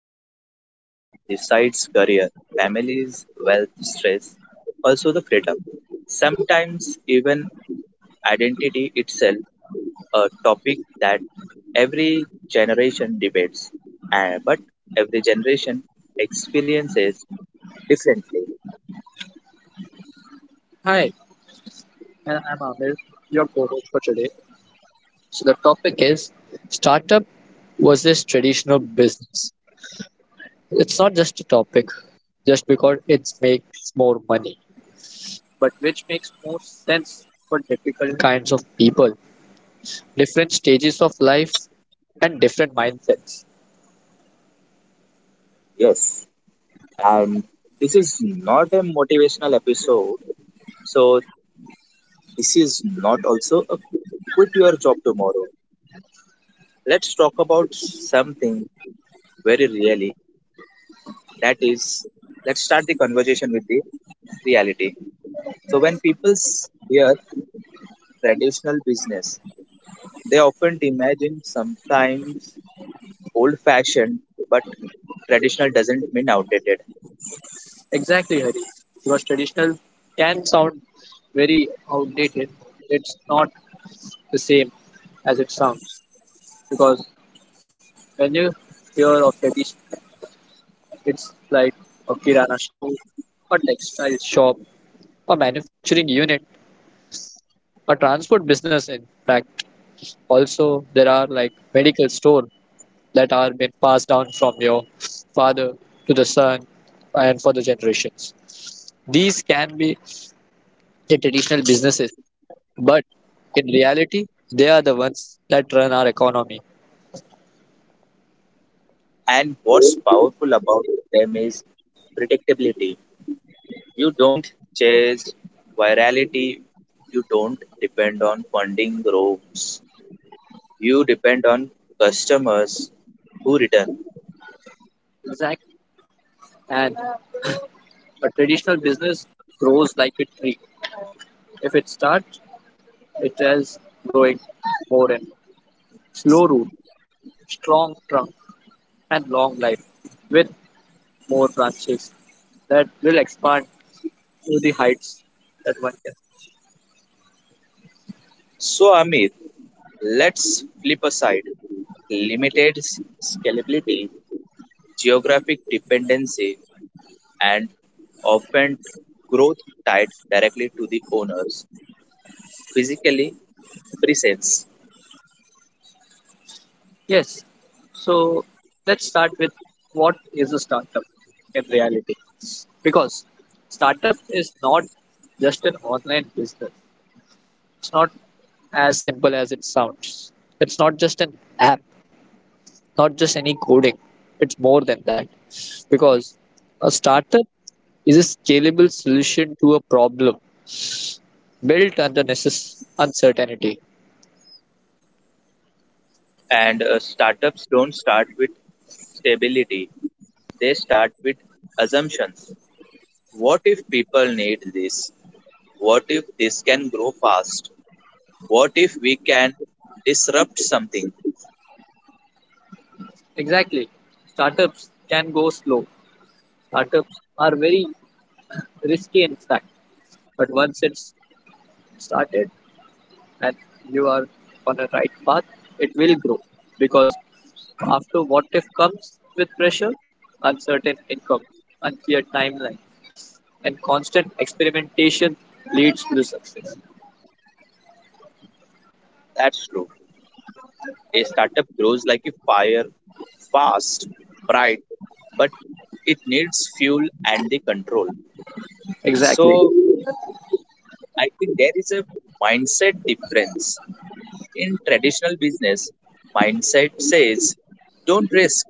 that quietly decides career, families, wealth, stress, also the freedom. Sometimes even identity itself, a topic that every generation debates, but every generation experiences differently. Hi, and I'm Amir, your co-host for today. So the topic is startup versus traditional business. It's not just a topic, just because it makes more money, but which makes more sense for different kinds of people, different stages of life, and different mindsets. Yes, and this is not a motivational episode, so this is not also a quit your job tomorrow let's talk about something very really. That is, let's start the conversation with the reality. So, when people hear traditional business, they often imagine sometimes old fashioned, but traditional doesn't mean outdated. Exactly, Hari. Because traditional can sound very outdated. It's not the same as it sounds. Because when you hear of tradition, it's like a kirana store, a textile shop, a manufacturing unit, a transport business. In fact, also there are like medical store that are been passed down from your father to the son and for the generations. These can be the traditional businesses, but in reality, they are the ones that run our economy. And what's powerful about them is predictability. You don't chase virality, you don't depend on funding groups, you depend on customers who return. Exactly. And a traditional business grows like a tree. If it starts, it is growing more and slow root, strong trunk, and long life, with more branches that will expand to the heights that one can. So, Amit, let's flip aside limited scalability, geographic dependency, and often growth tied directly to the owners, physically presence. Yes, so let's start with what is a startup in reality. Because startup is not just an online business, it's not as simple as it sounds. It's not just an app, not just any coding, it's more than that, because a startup is a scalable solution to a problem built under uncertainty. And startups don't start with stability, they start with assumptions. What if people need this? What if this can grow fast? What if we can disrupt something? Exactly. Startups can go slow, startups are very risky, in fact, but once it's started and you are on a right path, it will grow, because after what if comes with pressure, uncertain income, unclear timeline, and constant experimentation leads to the success. That's true. A startup grows like a fire, fast, bright, but it needs fuel and the control. Exactly. So I think there is a mindset difference. In traditional business, mindset says don't risk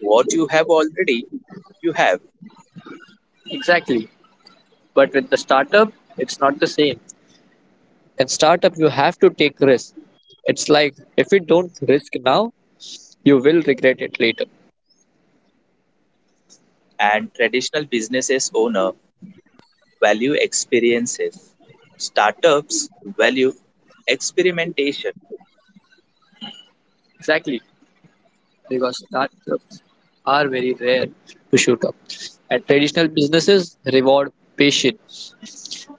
what you have already you have. Exactly. But with the startup, it's not the same. In startup, you have to take risks. It's like if you don't risk now, you will regret it later. And traditional businesses owner value experiences, startups value experimentation. Exactly. Because startups are very rare to shoot up. And traditional businesses reward patience,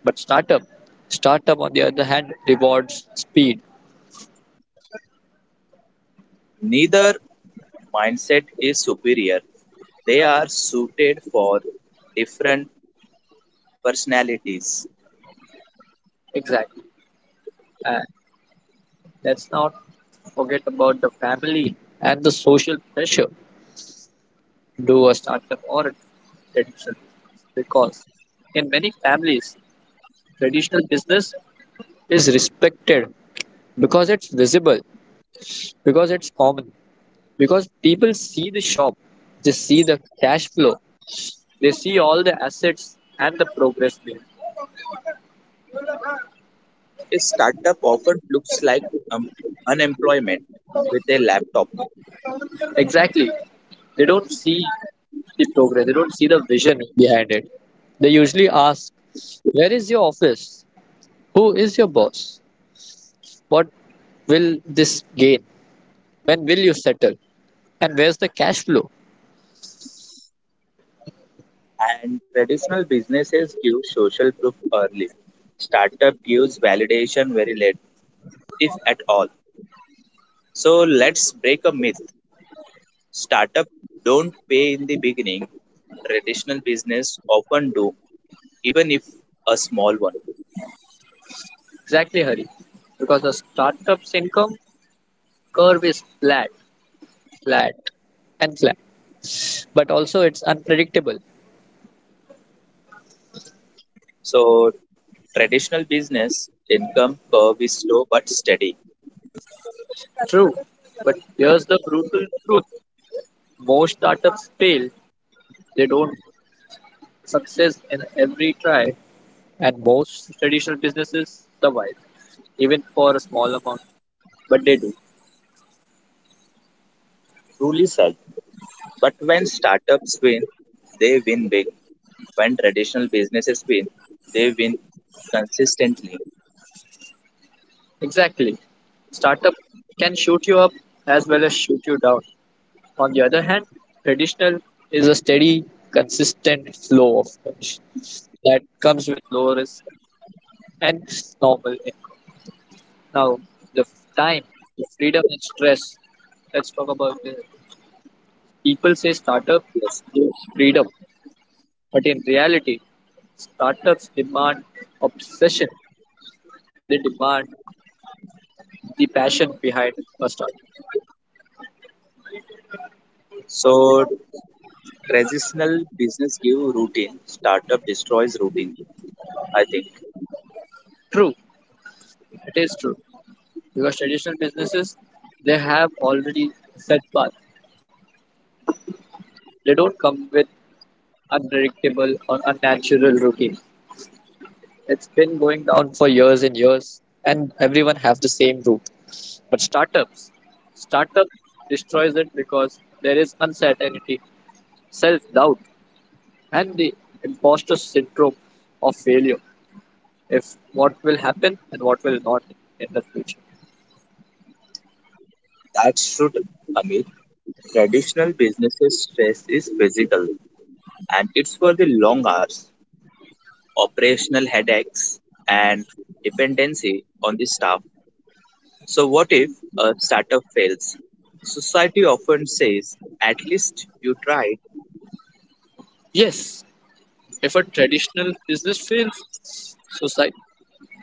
but startup, startup on the other hand rewards speed. Neither mindset is superior. They are suited for different personalities. Exactly. And let's not forget about the family and the social pressure to do a startup or a traditional business, because in many families, traditional business is respected because it's visible, because it's common, because people see the shop, they see the cash flow, they see all the assets and the progress made. A startup often looks like um, unemployment with a laptop, Exactly. They don't see the progress, they don't see the vision behind it. They usually ask, where is your office? Who is your boss? What will this gain? When will you settle? And where's the cash flow? and traditional businesses give social proof early. Startup gives validation very late, if at all. So let's break a myth. Startup don't pay in the beginning. Traditional business often do, even if a small one. Exactly, Hari. Because a startup's income curve is flat, flat and flat. But also, it's unpredictable. So traditional business income curve is slow but steady. True. But here's the brutal truth: most startups fail, they don't success in every try. And most traditional businesses survive, even for a small amount, but they do. Truly, sir. But when startups win, they win big. When traditional businesses win, they win consistently. Exactly. Startup can shoot you up as well as shoot you down. On the other hand, traditional is a steady, consistent flow of cash that comes with low risk and normal income. Now, time, the freedom and stress. Let's talk about the people say startup Yes. gives freedom, but in reality, startups demand obsession. They demand the passion behind a startup. So traditional business give routine, startup destroys routine. I think True, it is true. Because traditional businesses, they have already set path, they don't come with unpredictable or unnatural routine, it's been going down for years and years, and everyone have the same route. But startup destroys it, because there is uncertainty, self-doubt, and the imposter syndrome of failure, if what will happen and what will not in the future. that's should Amit. Traditional businesses stress is physical and it's for the long hours, operational headaches and dependency on the staff. So, what if a startup fails? Society often says, at least you tried. Yes, if a traditional business fails, society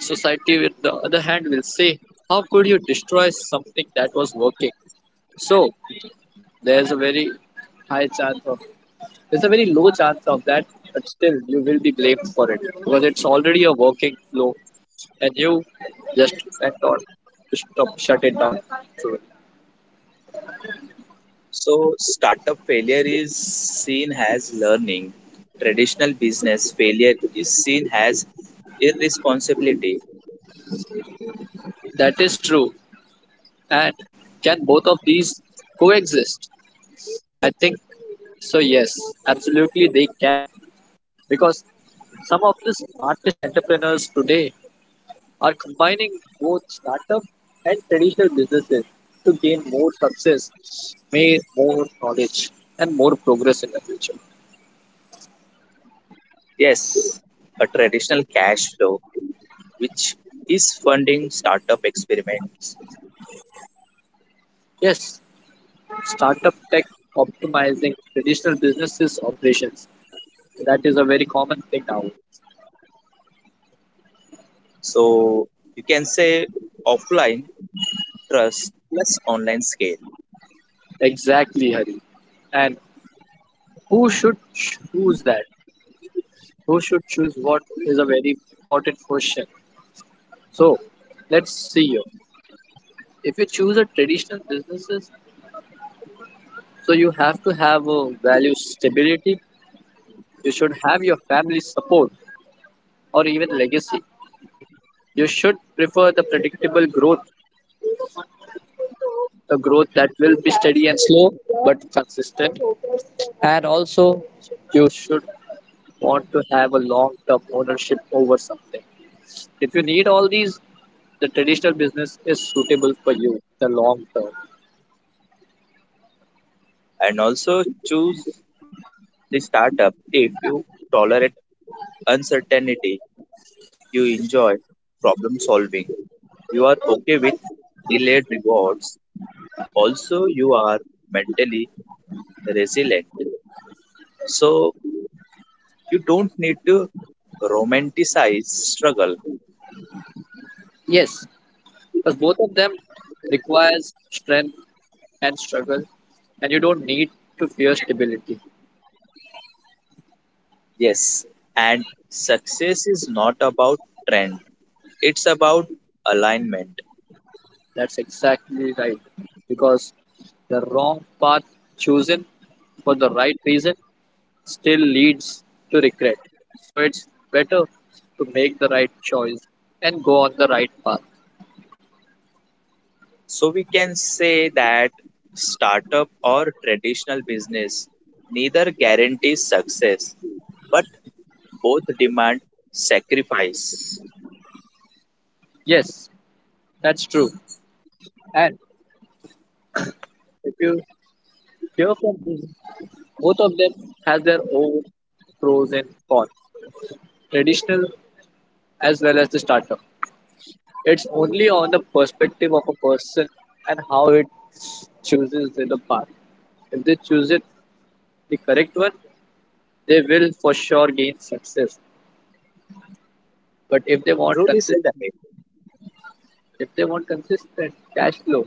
Society, with the other hand, will say, how could you destroy something that was working? So, there's a very high chance of, there's a very low chance of that, but still, you will be blamed for it because it's already a working flow, and you just went on to stop, shut it down. So, So, startup failure is seen as learning. Traditional business failure is seen as irresponsibility. that is true. And can both of these coexist? I think so, yes, absolutely they can. Because some of the smartest entrepreneurs today are combining both startup and traditional businesses to gain more success, may more knowledge, and more progress in the future. Yes, a traditional cash flow, which is funding startup experiments. Yes, startup tech optimizing traditional businesses operations. That is a very common thing now. So, you can say offline trust plus online scale, Exactly, Hari. And who should choose that? Who should choose what is a very important question. So let's see here. If you choose a traditional businesses, so you have to have a value stability. You should have your family's support or even legacy. You should prefer the predictable growth, the growth that will be steady and slow but consistent. And also, you should want to have a long term ownership over something. If you need all these, the traditional business is suitable for you, the long term. and also choose the startup if you tolerate uncertainty, you enjoy problem solving, you are okay with delayed rewards, also, you are mentally resilient. So, you don't need to romanticize struggle. Yes, because both of them requires strength and struggle, and you don't need to fear stability. Yes, and success is not about trend, it's about alignment. That's exactly right. Because the wrong path chosen for the right reason still leads to regret. So it's better to make the right choice and go on the right path. So, we can say that startup or traditional business neither guarantees success, but both demand sacrifice. Yes, that's true. And if you hear from them, both of them has their own pros and cons, traditional as well as the startup. It's only on the perspective of a person and how it chooses the path. If they choose it the correct one, they will for sure gain success. But Truly said Amit. if they want consistent cash flow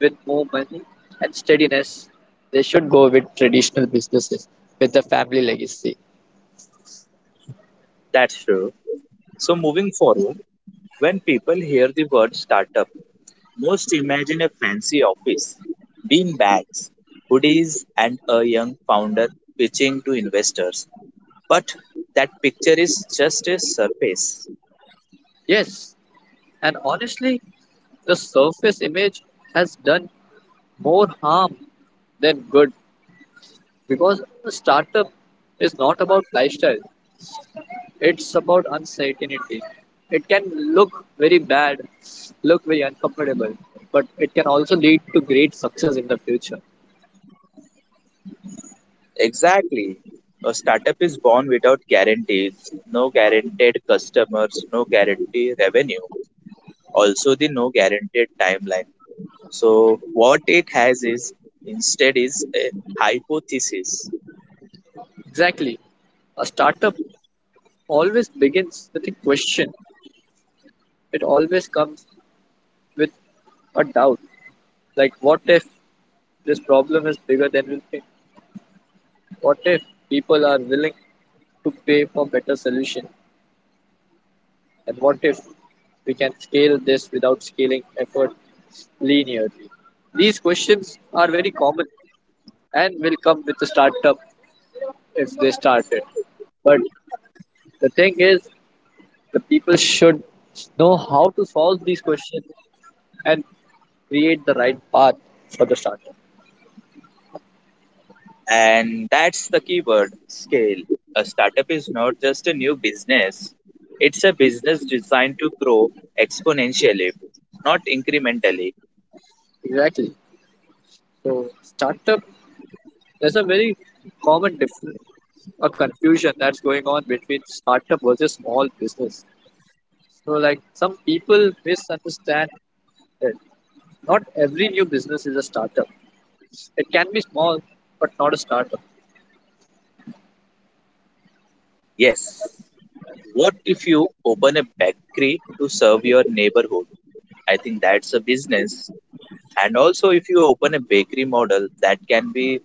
with more money and steadiness, they should go with traditional businesses with the family legacy. That's true. So moving forward, when people hear the word startup, most imagine a fancy office, bean bags, hoodies, and a young founder pitching to investors. But that picture is just a surface. Yes, and honestly, the surface image has done more harm than good, because a startup is not about lifestyle. It's about uncertainty. It can look very bad, look very uncomfortable, but it can also lead to great success in the future. Exactly. A startup is born without guarantees, no guaranteed customers, no guaranteed revenue, also the no guaranteed timeline. So what it has is instead is a hypothesis, Exactly. A startup always begins with a question. It always comes with a doubt. Like, what if this problem is bigger than we think? What if people are willing to pay for better solution? And what if we can scale this without scaling effort linearly? These questions are very common and will come with the startup if they started. But the thing is, the people should know how to solve these questions and create the right path for the startup. and that's the keyword scale. A startup is not just a new business; it's a business designed to grow exponentially, not incrementally. Exactly. So startup, there's a very common difference, a confusion that's going on between startup versus small business. So, like some people misunderstand that not every new business is a startup. It can be small, but not a startup. Yes. What if you open a bakery to serve your neighborhood? I think that's a business. And also, if you open a bakery model, that can be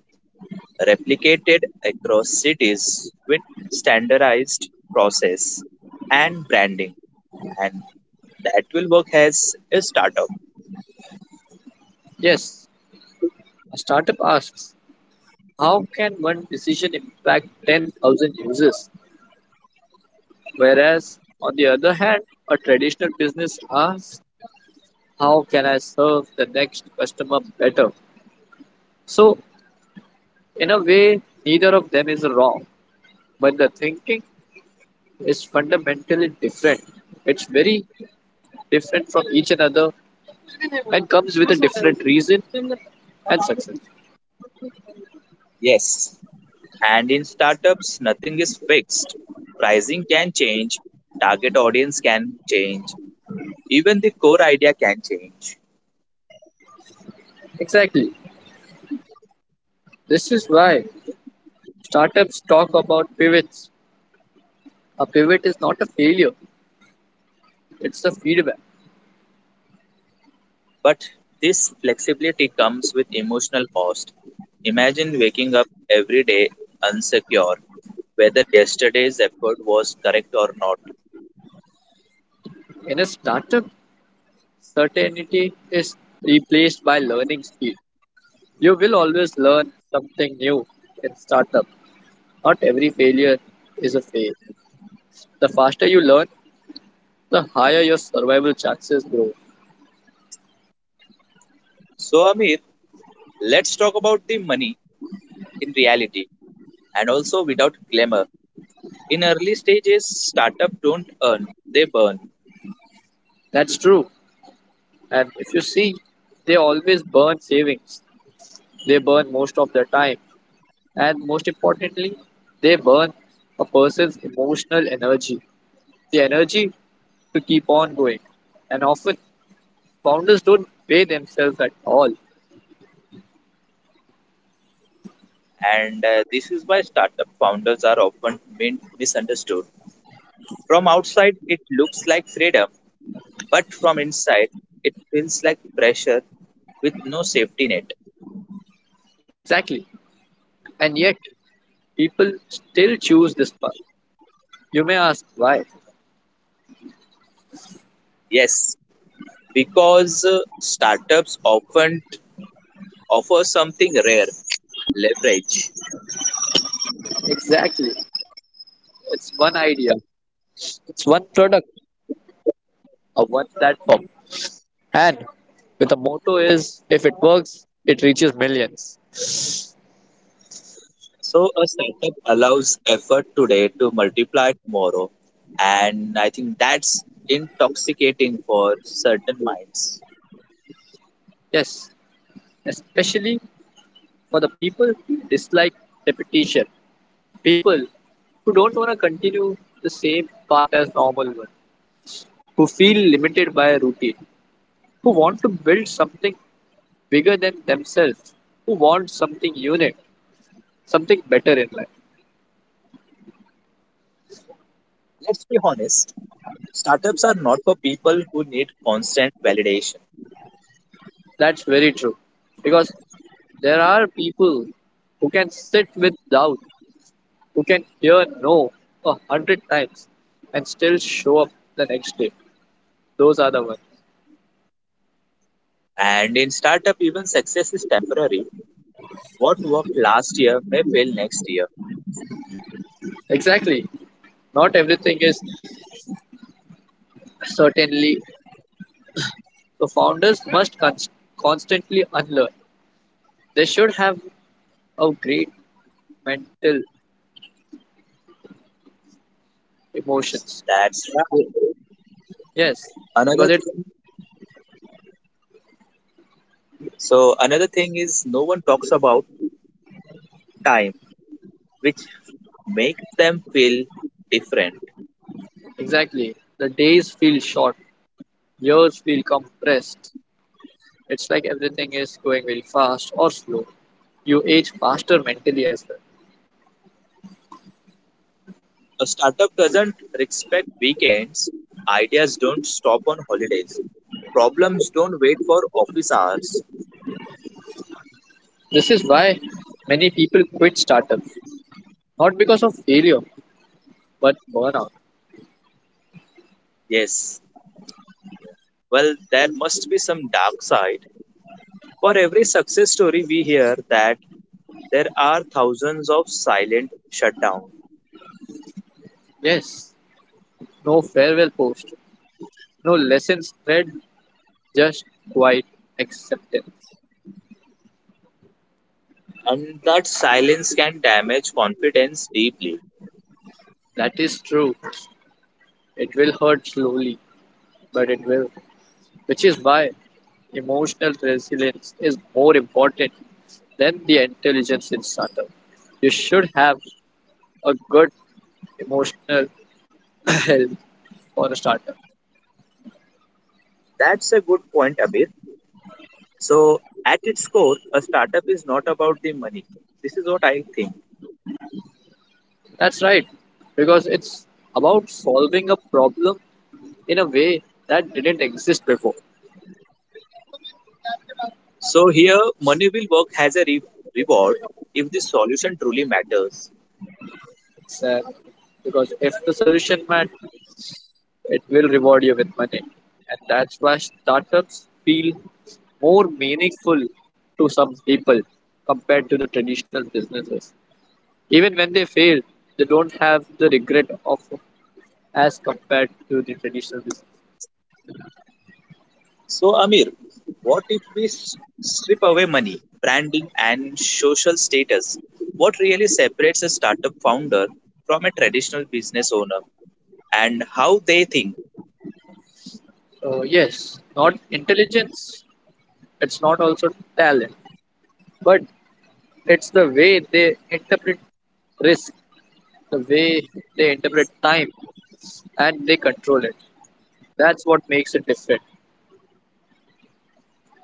replicated across cities with standardized process and branding, and that will work as a startup. Yes, a startup asks, how can one decision impact 10,000 users? Whereas, on the other hand, a traditional business asks, how can I serve the next customer better? So, in a way, neither of them is wrong, but the thinking is fundamentally different. It's very different from each another and comes with a different reason and success. Yes, and in startups nothing is fixed, pricing can change, target audience can change, even the core idea can change. Exactly. This is why startups talk about pivots. A pivot is not a failure, it's a feedback. But this flexibility comes with emotional cost. Imagine waking up every day unsecure whether yesterday's effort was correct or not. In a startup, certainty is replaced by learning speed. You will always learn something new in startup. Not every failure is a fail. The faster you learn, the higher your survival chances grow. So Amir, let's talk about the money in reality and also without glamour. In early stages, startups don't earn, they burn. That's true. And if you see, they always burn savings. They burn most of their time. And most importantly, they burn a person's emotional energy, the energy to keep on going. And often, founders don't pay themselves at all. And this is why startup founders are often misunderstood. From outside, it looks like freedom, but from inside, it feels like pressure with no safety net. Exactly. And yet, people still choose this path. You may ask why. Yes, because startups often offer something rare leverage. Exactly. It's one idea, it's one product, or one platform. And with the motto is if it works, it reaches millions. So a startup allows effort today to multiply tomorrow, and I think that's intoxicating for certain minds. Yes, especially for the people who dislike repetition. People who don't want to continue the same path as normal one, who feel limited by a routine, who want to build something bigger than themselves, who want something unique, something better in life. Let's be honest, startups are not for people who need constant validation. That's very true. Because there are people who can sit with doubt, who can hear no 100 times and still show up the next day. Those are the ones. And in startup, even success is temporary. What worked last year may fail next year. Exactly. Not everything is certainly. The founders must constantly unlearn. They should have a great mental emotions. That's Yes, because another it thing. So another thing is no one talks about time, which makes them feel different. exactly, the days feel short, years feel compressed. It's like everything is going very fast or slow. You age faster mentally as well. A startup doesn't respect weekends. Ideas don't stop on holidays. Problems don't wait for office hours. This is why many people quit startups, not because of failure, but burnout. Yes, well, there must be some dark side. For every success story, we hear that there are thousands of silent shutdowns, Yes, no farewell post, no lessons read, just quiet acceptance. and that silence can damage confidence deeply. That is true. It will hurt slowly, but it will. Which is why emotional resilience is more important than the intelligence in startup. You should have a good emotional health for a startup. That's a good point, Abir. So, at its core, a startup is not about the money. This is what I think. That's right, because it's about solving a problem in a way that didn't exist before. So here, money will work as a reward if the solution truly matters. It's because if the solution matters, it will reward you with money. And that's why startups feel more meaningful to some people compared to the traditional businesses. Even when they fail, they don't have the regret of as compared to the traditional business. So Amir, what if we strip away money, branding, and social status? What really separates a startup founder from a traditional business owner, and how they think? So yes, not intelligence. It's not also talent, but it's the way they interpret risk, the way they interpret time, and they control it. That's what makes it different.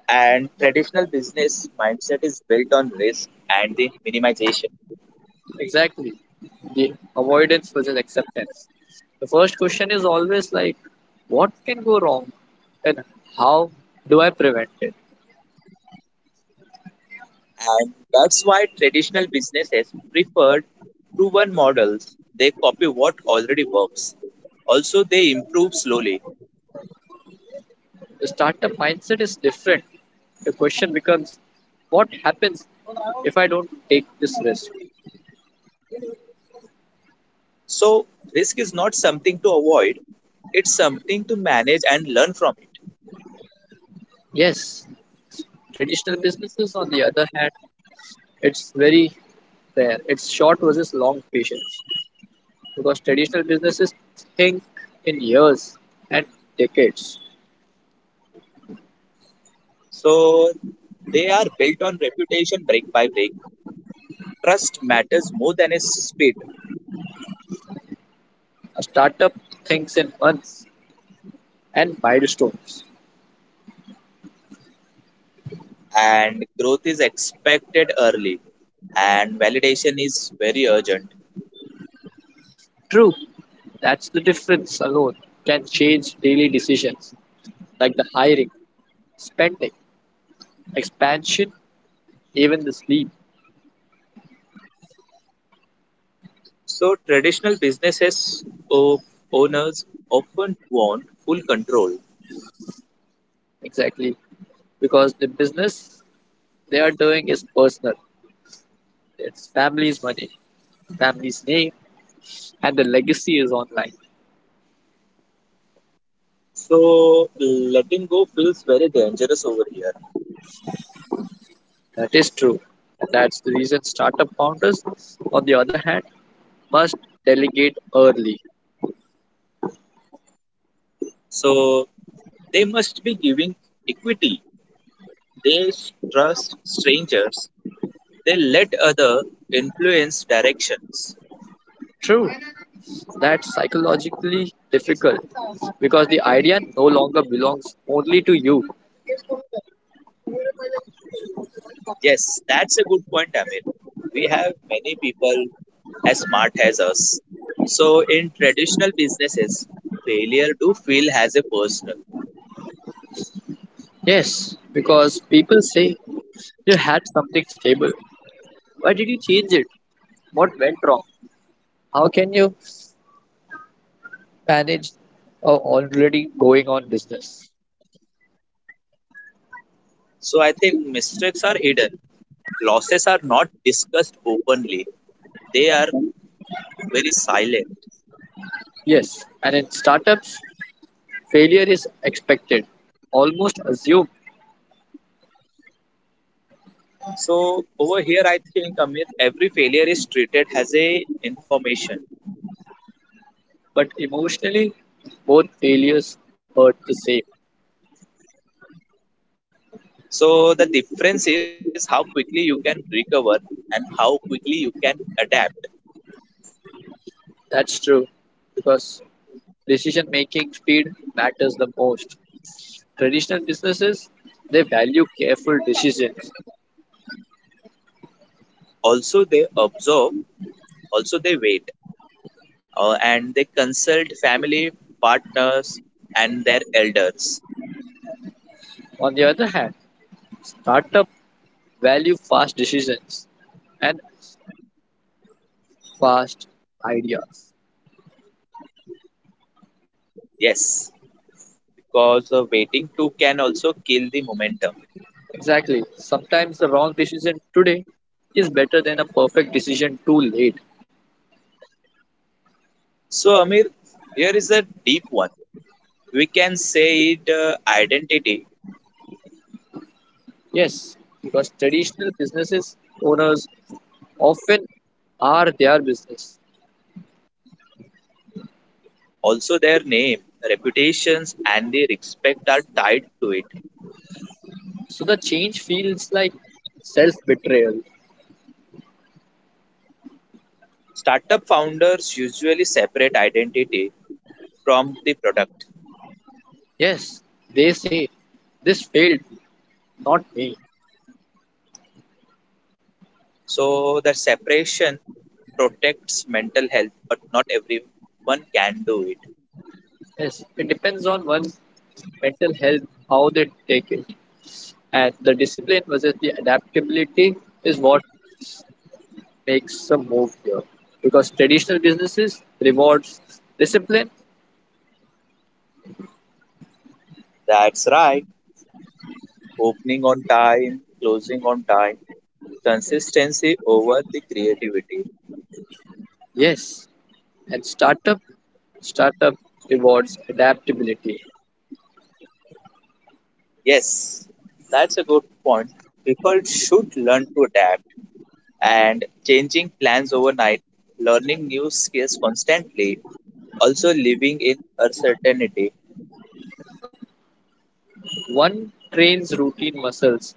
And traditional business mindset is built on risk and the minimization. Exactly. The avoidance versus acceptance. The first question is always like, what can go wrong and how do I prevent it? And that's why traditional businesses preferred proven models. They copy what already works. Also, they improve slowly. The startup mindset is different. The question becomes, what happens if I don't take this risk? So, risk is not something to avoid, it's something to manage and learn from it. Yes, traditional businesses, on the other hand, it's very rare. It's short versus long patience because traditional businesses think in years and decades. So, they are built on reputation break by break. Trust matters more than its speed, A startup thinks in months and milestones. and growth is expected early, and validation is very urgent. True, that's the difference alone can change daily decisions like the hiring, spending, expansion, even the sleep. So traditional businesses of owners often want full control. Exactly. Because the business they are doing is personal. It's family's money, family's name, and the legacy is online. So letting go feels very dangerous over here. That is true. And that's the reason startup founders, on the other hand, must delegate early. So they must be giving equity. They trust strangers. They let other influence directions. True. That's psychologically difficult because the idea no longer belongs only to you. Yes, that's a good point, Amir. We have many people as smart as us. So in traditional businesses, failure do feel as a personal. Yes, because people say you had something stable. Why did you change it? What went wrong? How can you manage a already going on business? So I think mistakes are hidden, losses are not discussed openly, they are very silent. Yes, and in startups, failure is expected, almost assumed, So over here I think Amit, every failure is treated as a information. but emotionally, both failures hurt the same. So the difference is how quickly you can recover and how quickly you can adapt. That's true because decision making speed matters the most. Traditional businesses, they value careful decisions. Also they observe, also they wait, and they consult family partners and their elders. On the other hand, startup value fast decisions and fast ideas. Yes, because waiting too can also kill the momentum. Exactly. Sometimes the wrong decision today is better than a perfect decision too late. So Amir, here is a deep one, we can say it, identity. Yes, because traditional businesses owners often are their business. Also their name reputations and the respect are tied to it. So the change feels like self betrayal. Startup founders usually separate identity from the product. Yes, they say this failed, not me. So the separation protects mental health, but not everyone can do it. Yes, it depends on one's mental health, how they take it. And the discipline versus the adaptability is what makes a move here. Because traditional businesses rewards discipline, That's right, opening on time closing on time, consistency over the creativity. yes, and startup rewards adaptability. Yes, that's a good point, people should learn to adapt and changing plans overnight, learning new skills constantly, also living in uncertainty. One trains routine muscles,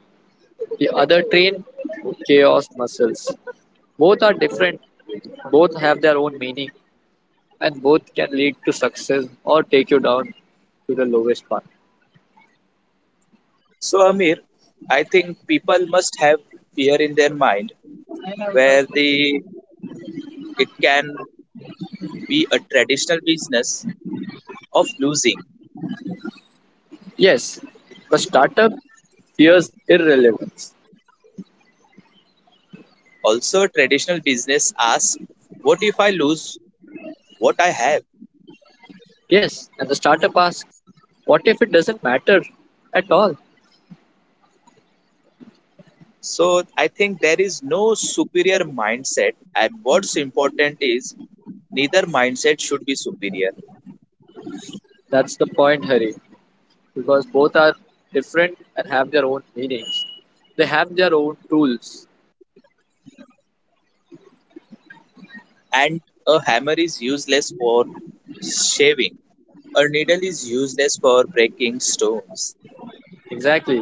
the other train chaos muscles. Both are different, both have their own meaning, and both can lead to success or take you down to the lowest path. So, Amir, I think people must have fear in their mind where they it can be a traditional business of losing. Yes, the startup fears irrelevance. Also, traditional business asks, what if I lose what I have? Yes, and the startup asks, what if it doesn't matter at all? So, I think there is no superior mindset, and what's important is neither mindset should be superior. That's the point, Hari, because both are different and have their own meanings. They have their own tools. And a hammer is useless for shaving. A needle is useless for breaking stones. Exactly.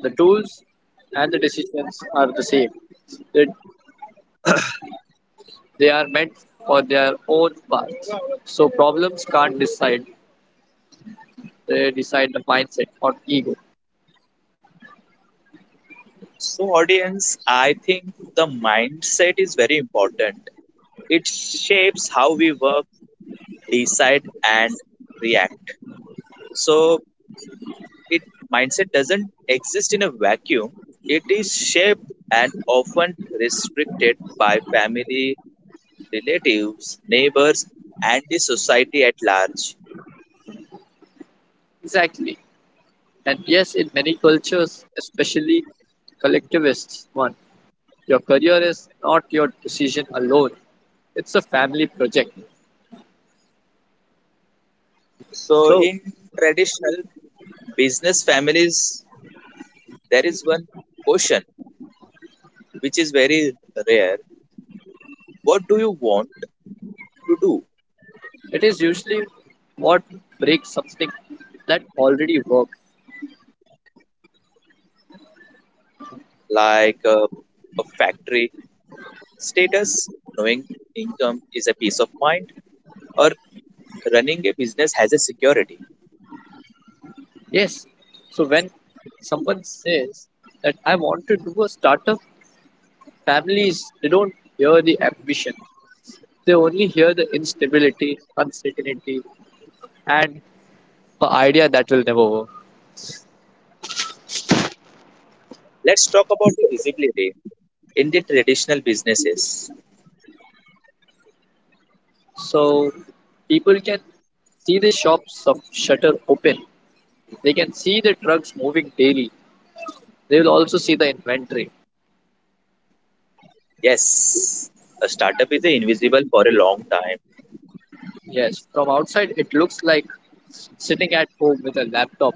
The tools and the decisions are the same. They, they are meant for their own paths. So problems can't decide they decide the mindset or ego. So, audience, I think the mindset is very important. It shapes how we work, decide, and react. So, it mindset doesn't exist in a vacuum. It is shaped and often restricted by family, relatives, neighbors, and the society at large. Exactly. And yes, in many cultures, especially collectivists one, your career is not your decision alone. It's a family project. So, So in traditional business families, there is one question which is very rare. What do you want to do? it is usually what breaks something that already works. Like a factory status, knowing income is a peace of mind, or running a business has a security. Yes. So when someone says that I want to do a startup, families they don't hear the ambition. They only hear the instability, uncertainty, and an idea that will never work. Let's talk about the visibility in the traditional businesses. So people can see the shops of shutter open. They can see the trucks moving daily. They will also see the inventory. Yes, a startup is invisible for a long time, Yes, from outside it looks like sitting at home with a laptop.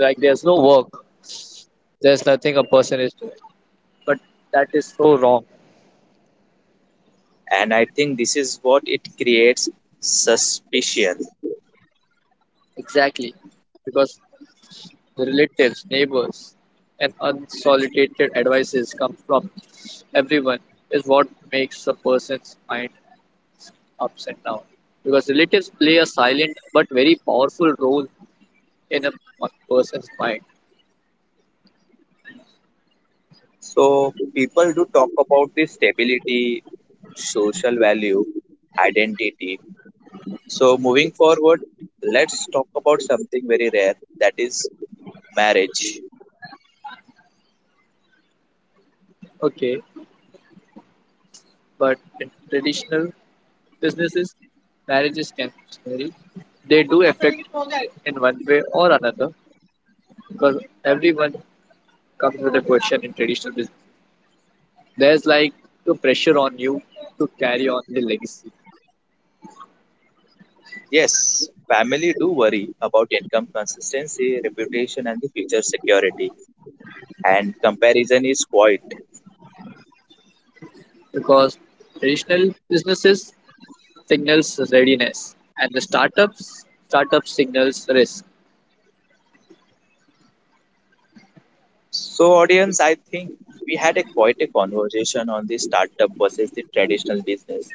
Like there's no work. There's nothing a person is doing. But that is so wrong. and I think this is what it creates suspicion. Exactly. Because the relatives, neighbors, and unsolicited advices come from everyone is what makes a person's mind ups and downs because relatives play a silent but very powerful role in a person's mind. So people do talk about the stability social value, identity. So, moving forward, let's talk about something very rare that is marriage. Okay, but in traditional businesses marriages can vary, they do affect in one way or another because everyone comes with a question in traditional business, there's like the pressure on you to carry on the legacy Yes, family do worry about income consistency, reputation, and the future security, and comparison is quite. because traditional businesses signals readiness and the startup signals risk. So, audience, I think we had a quite a conversation on the startup versus the traditional business.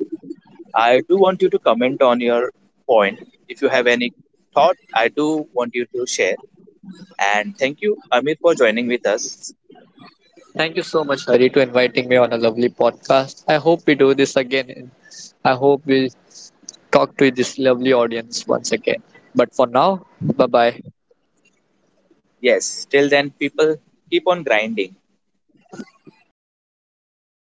I do want you to comment on your point. If you have any thought, I do want you to share. And thank you, Amir, for joining with us. Thank you so much, Hari, to inviting me on a lovely podcast. I hope we do this again, and I hope we talk to this lovely audience once again. But for now, bye bye. Yes, till then, people keep on grinding.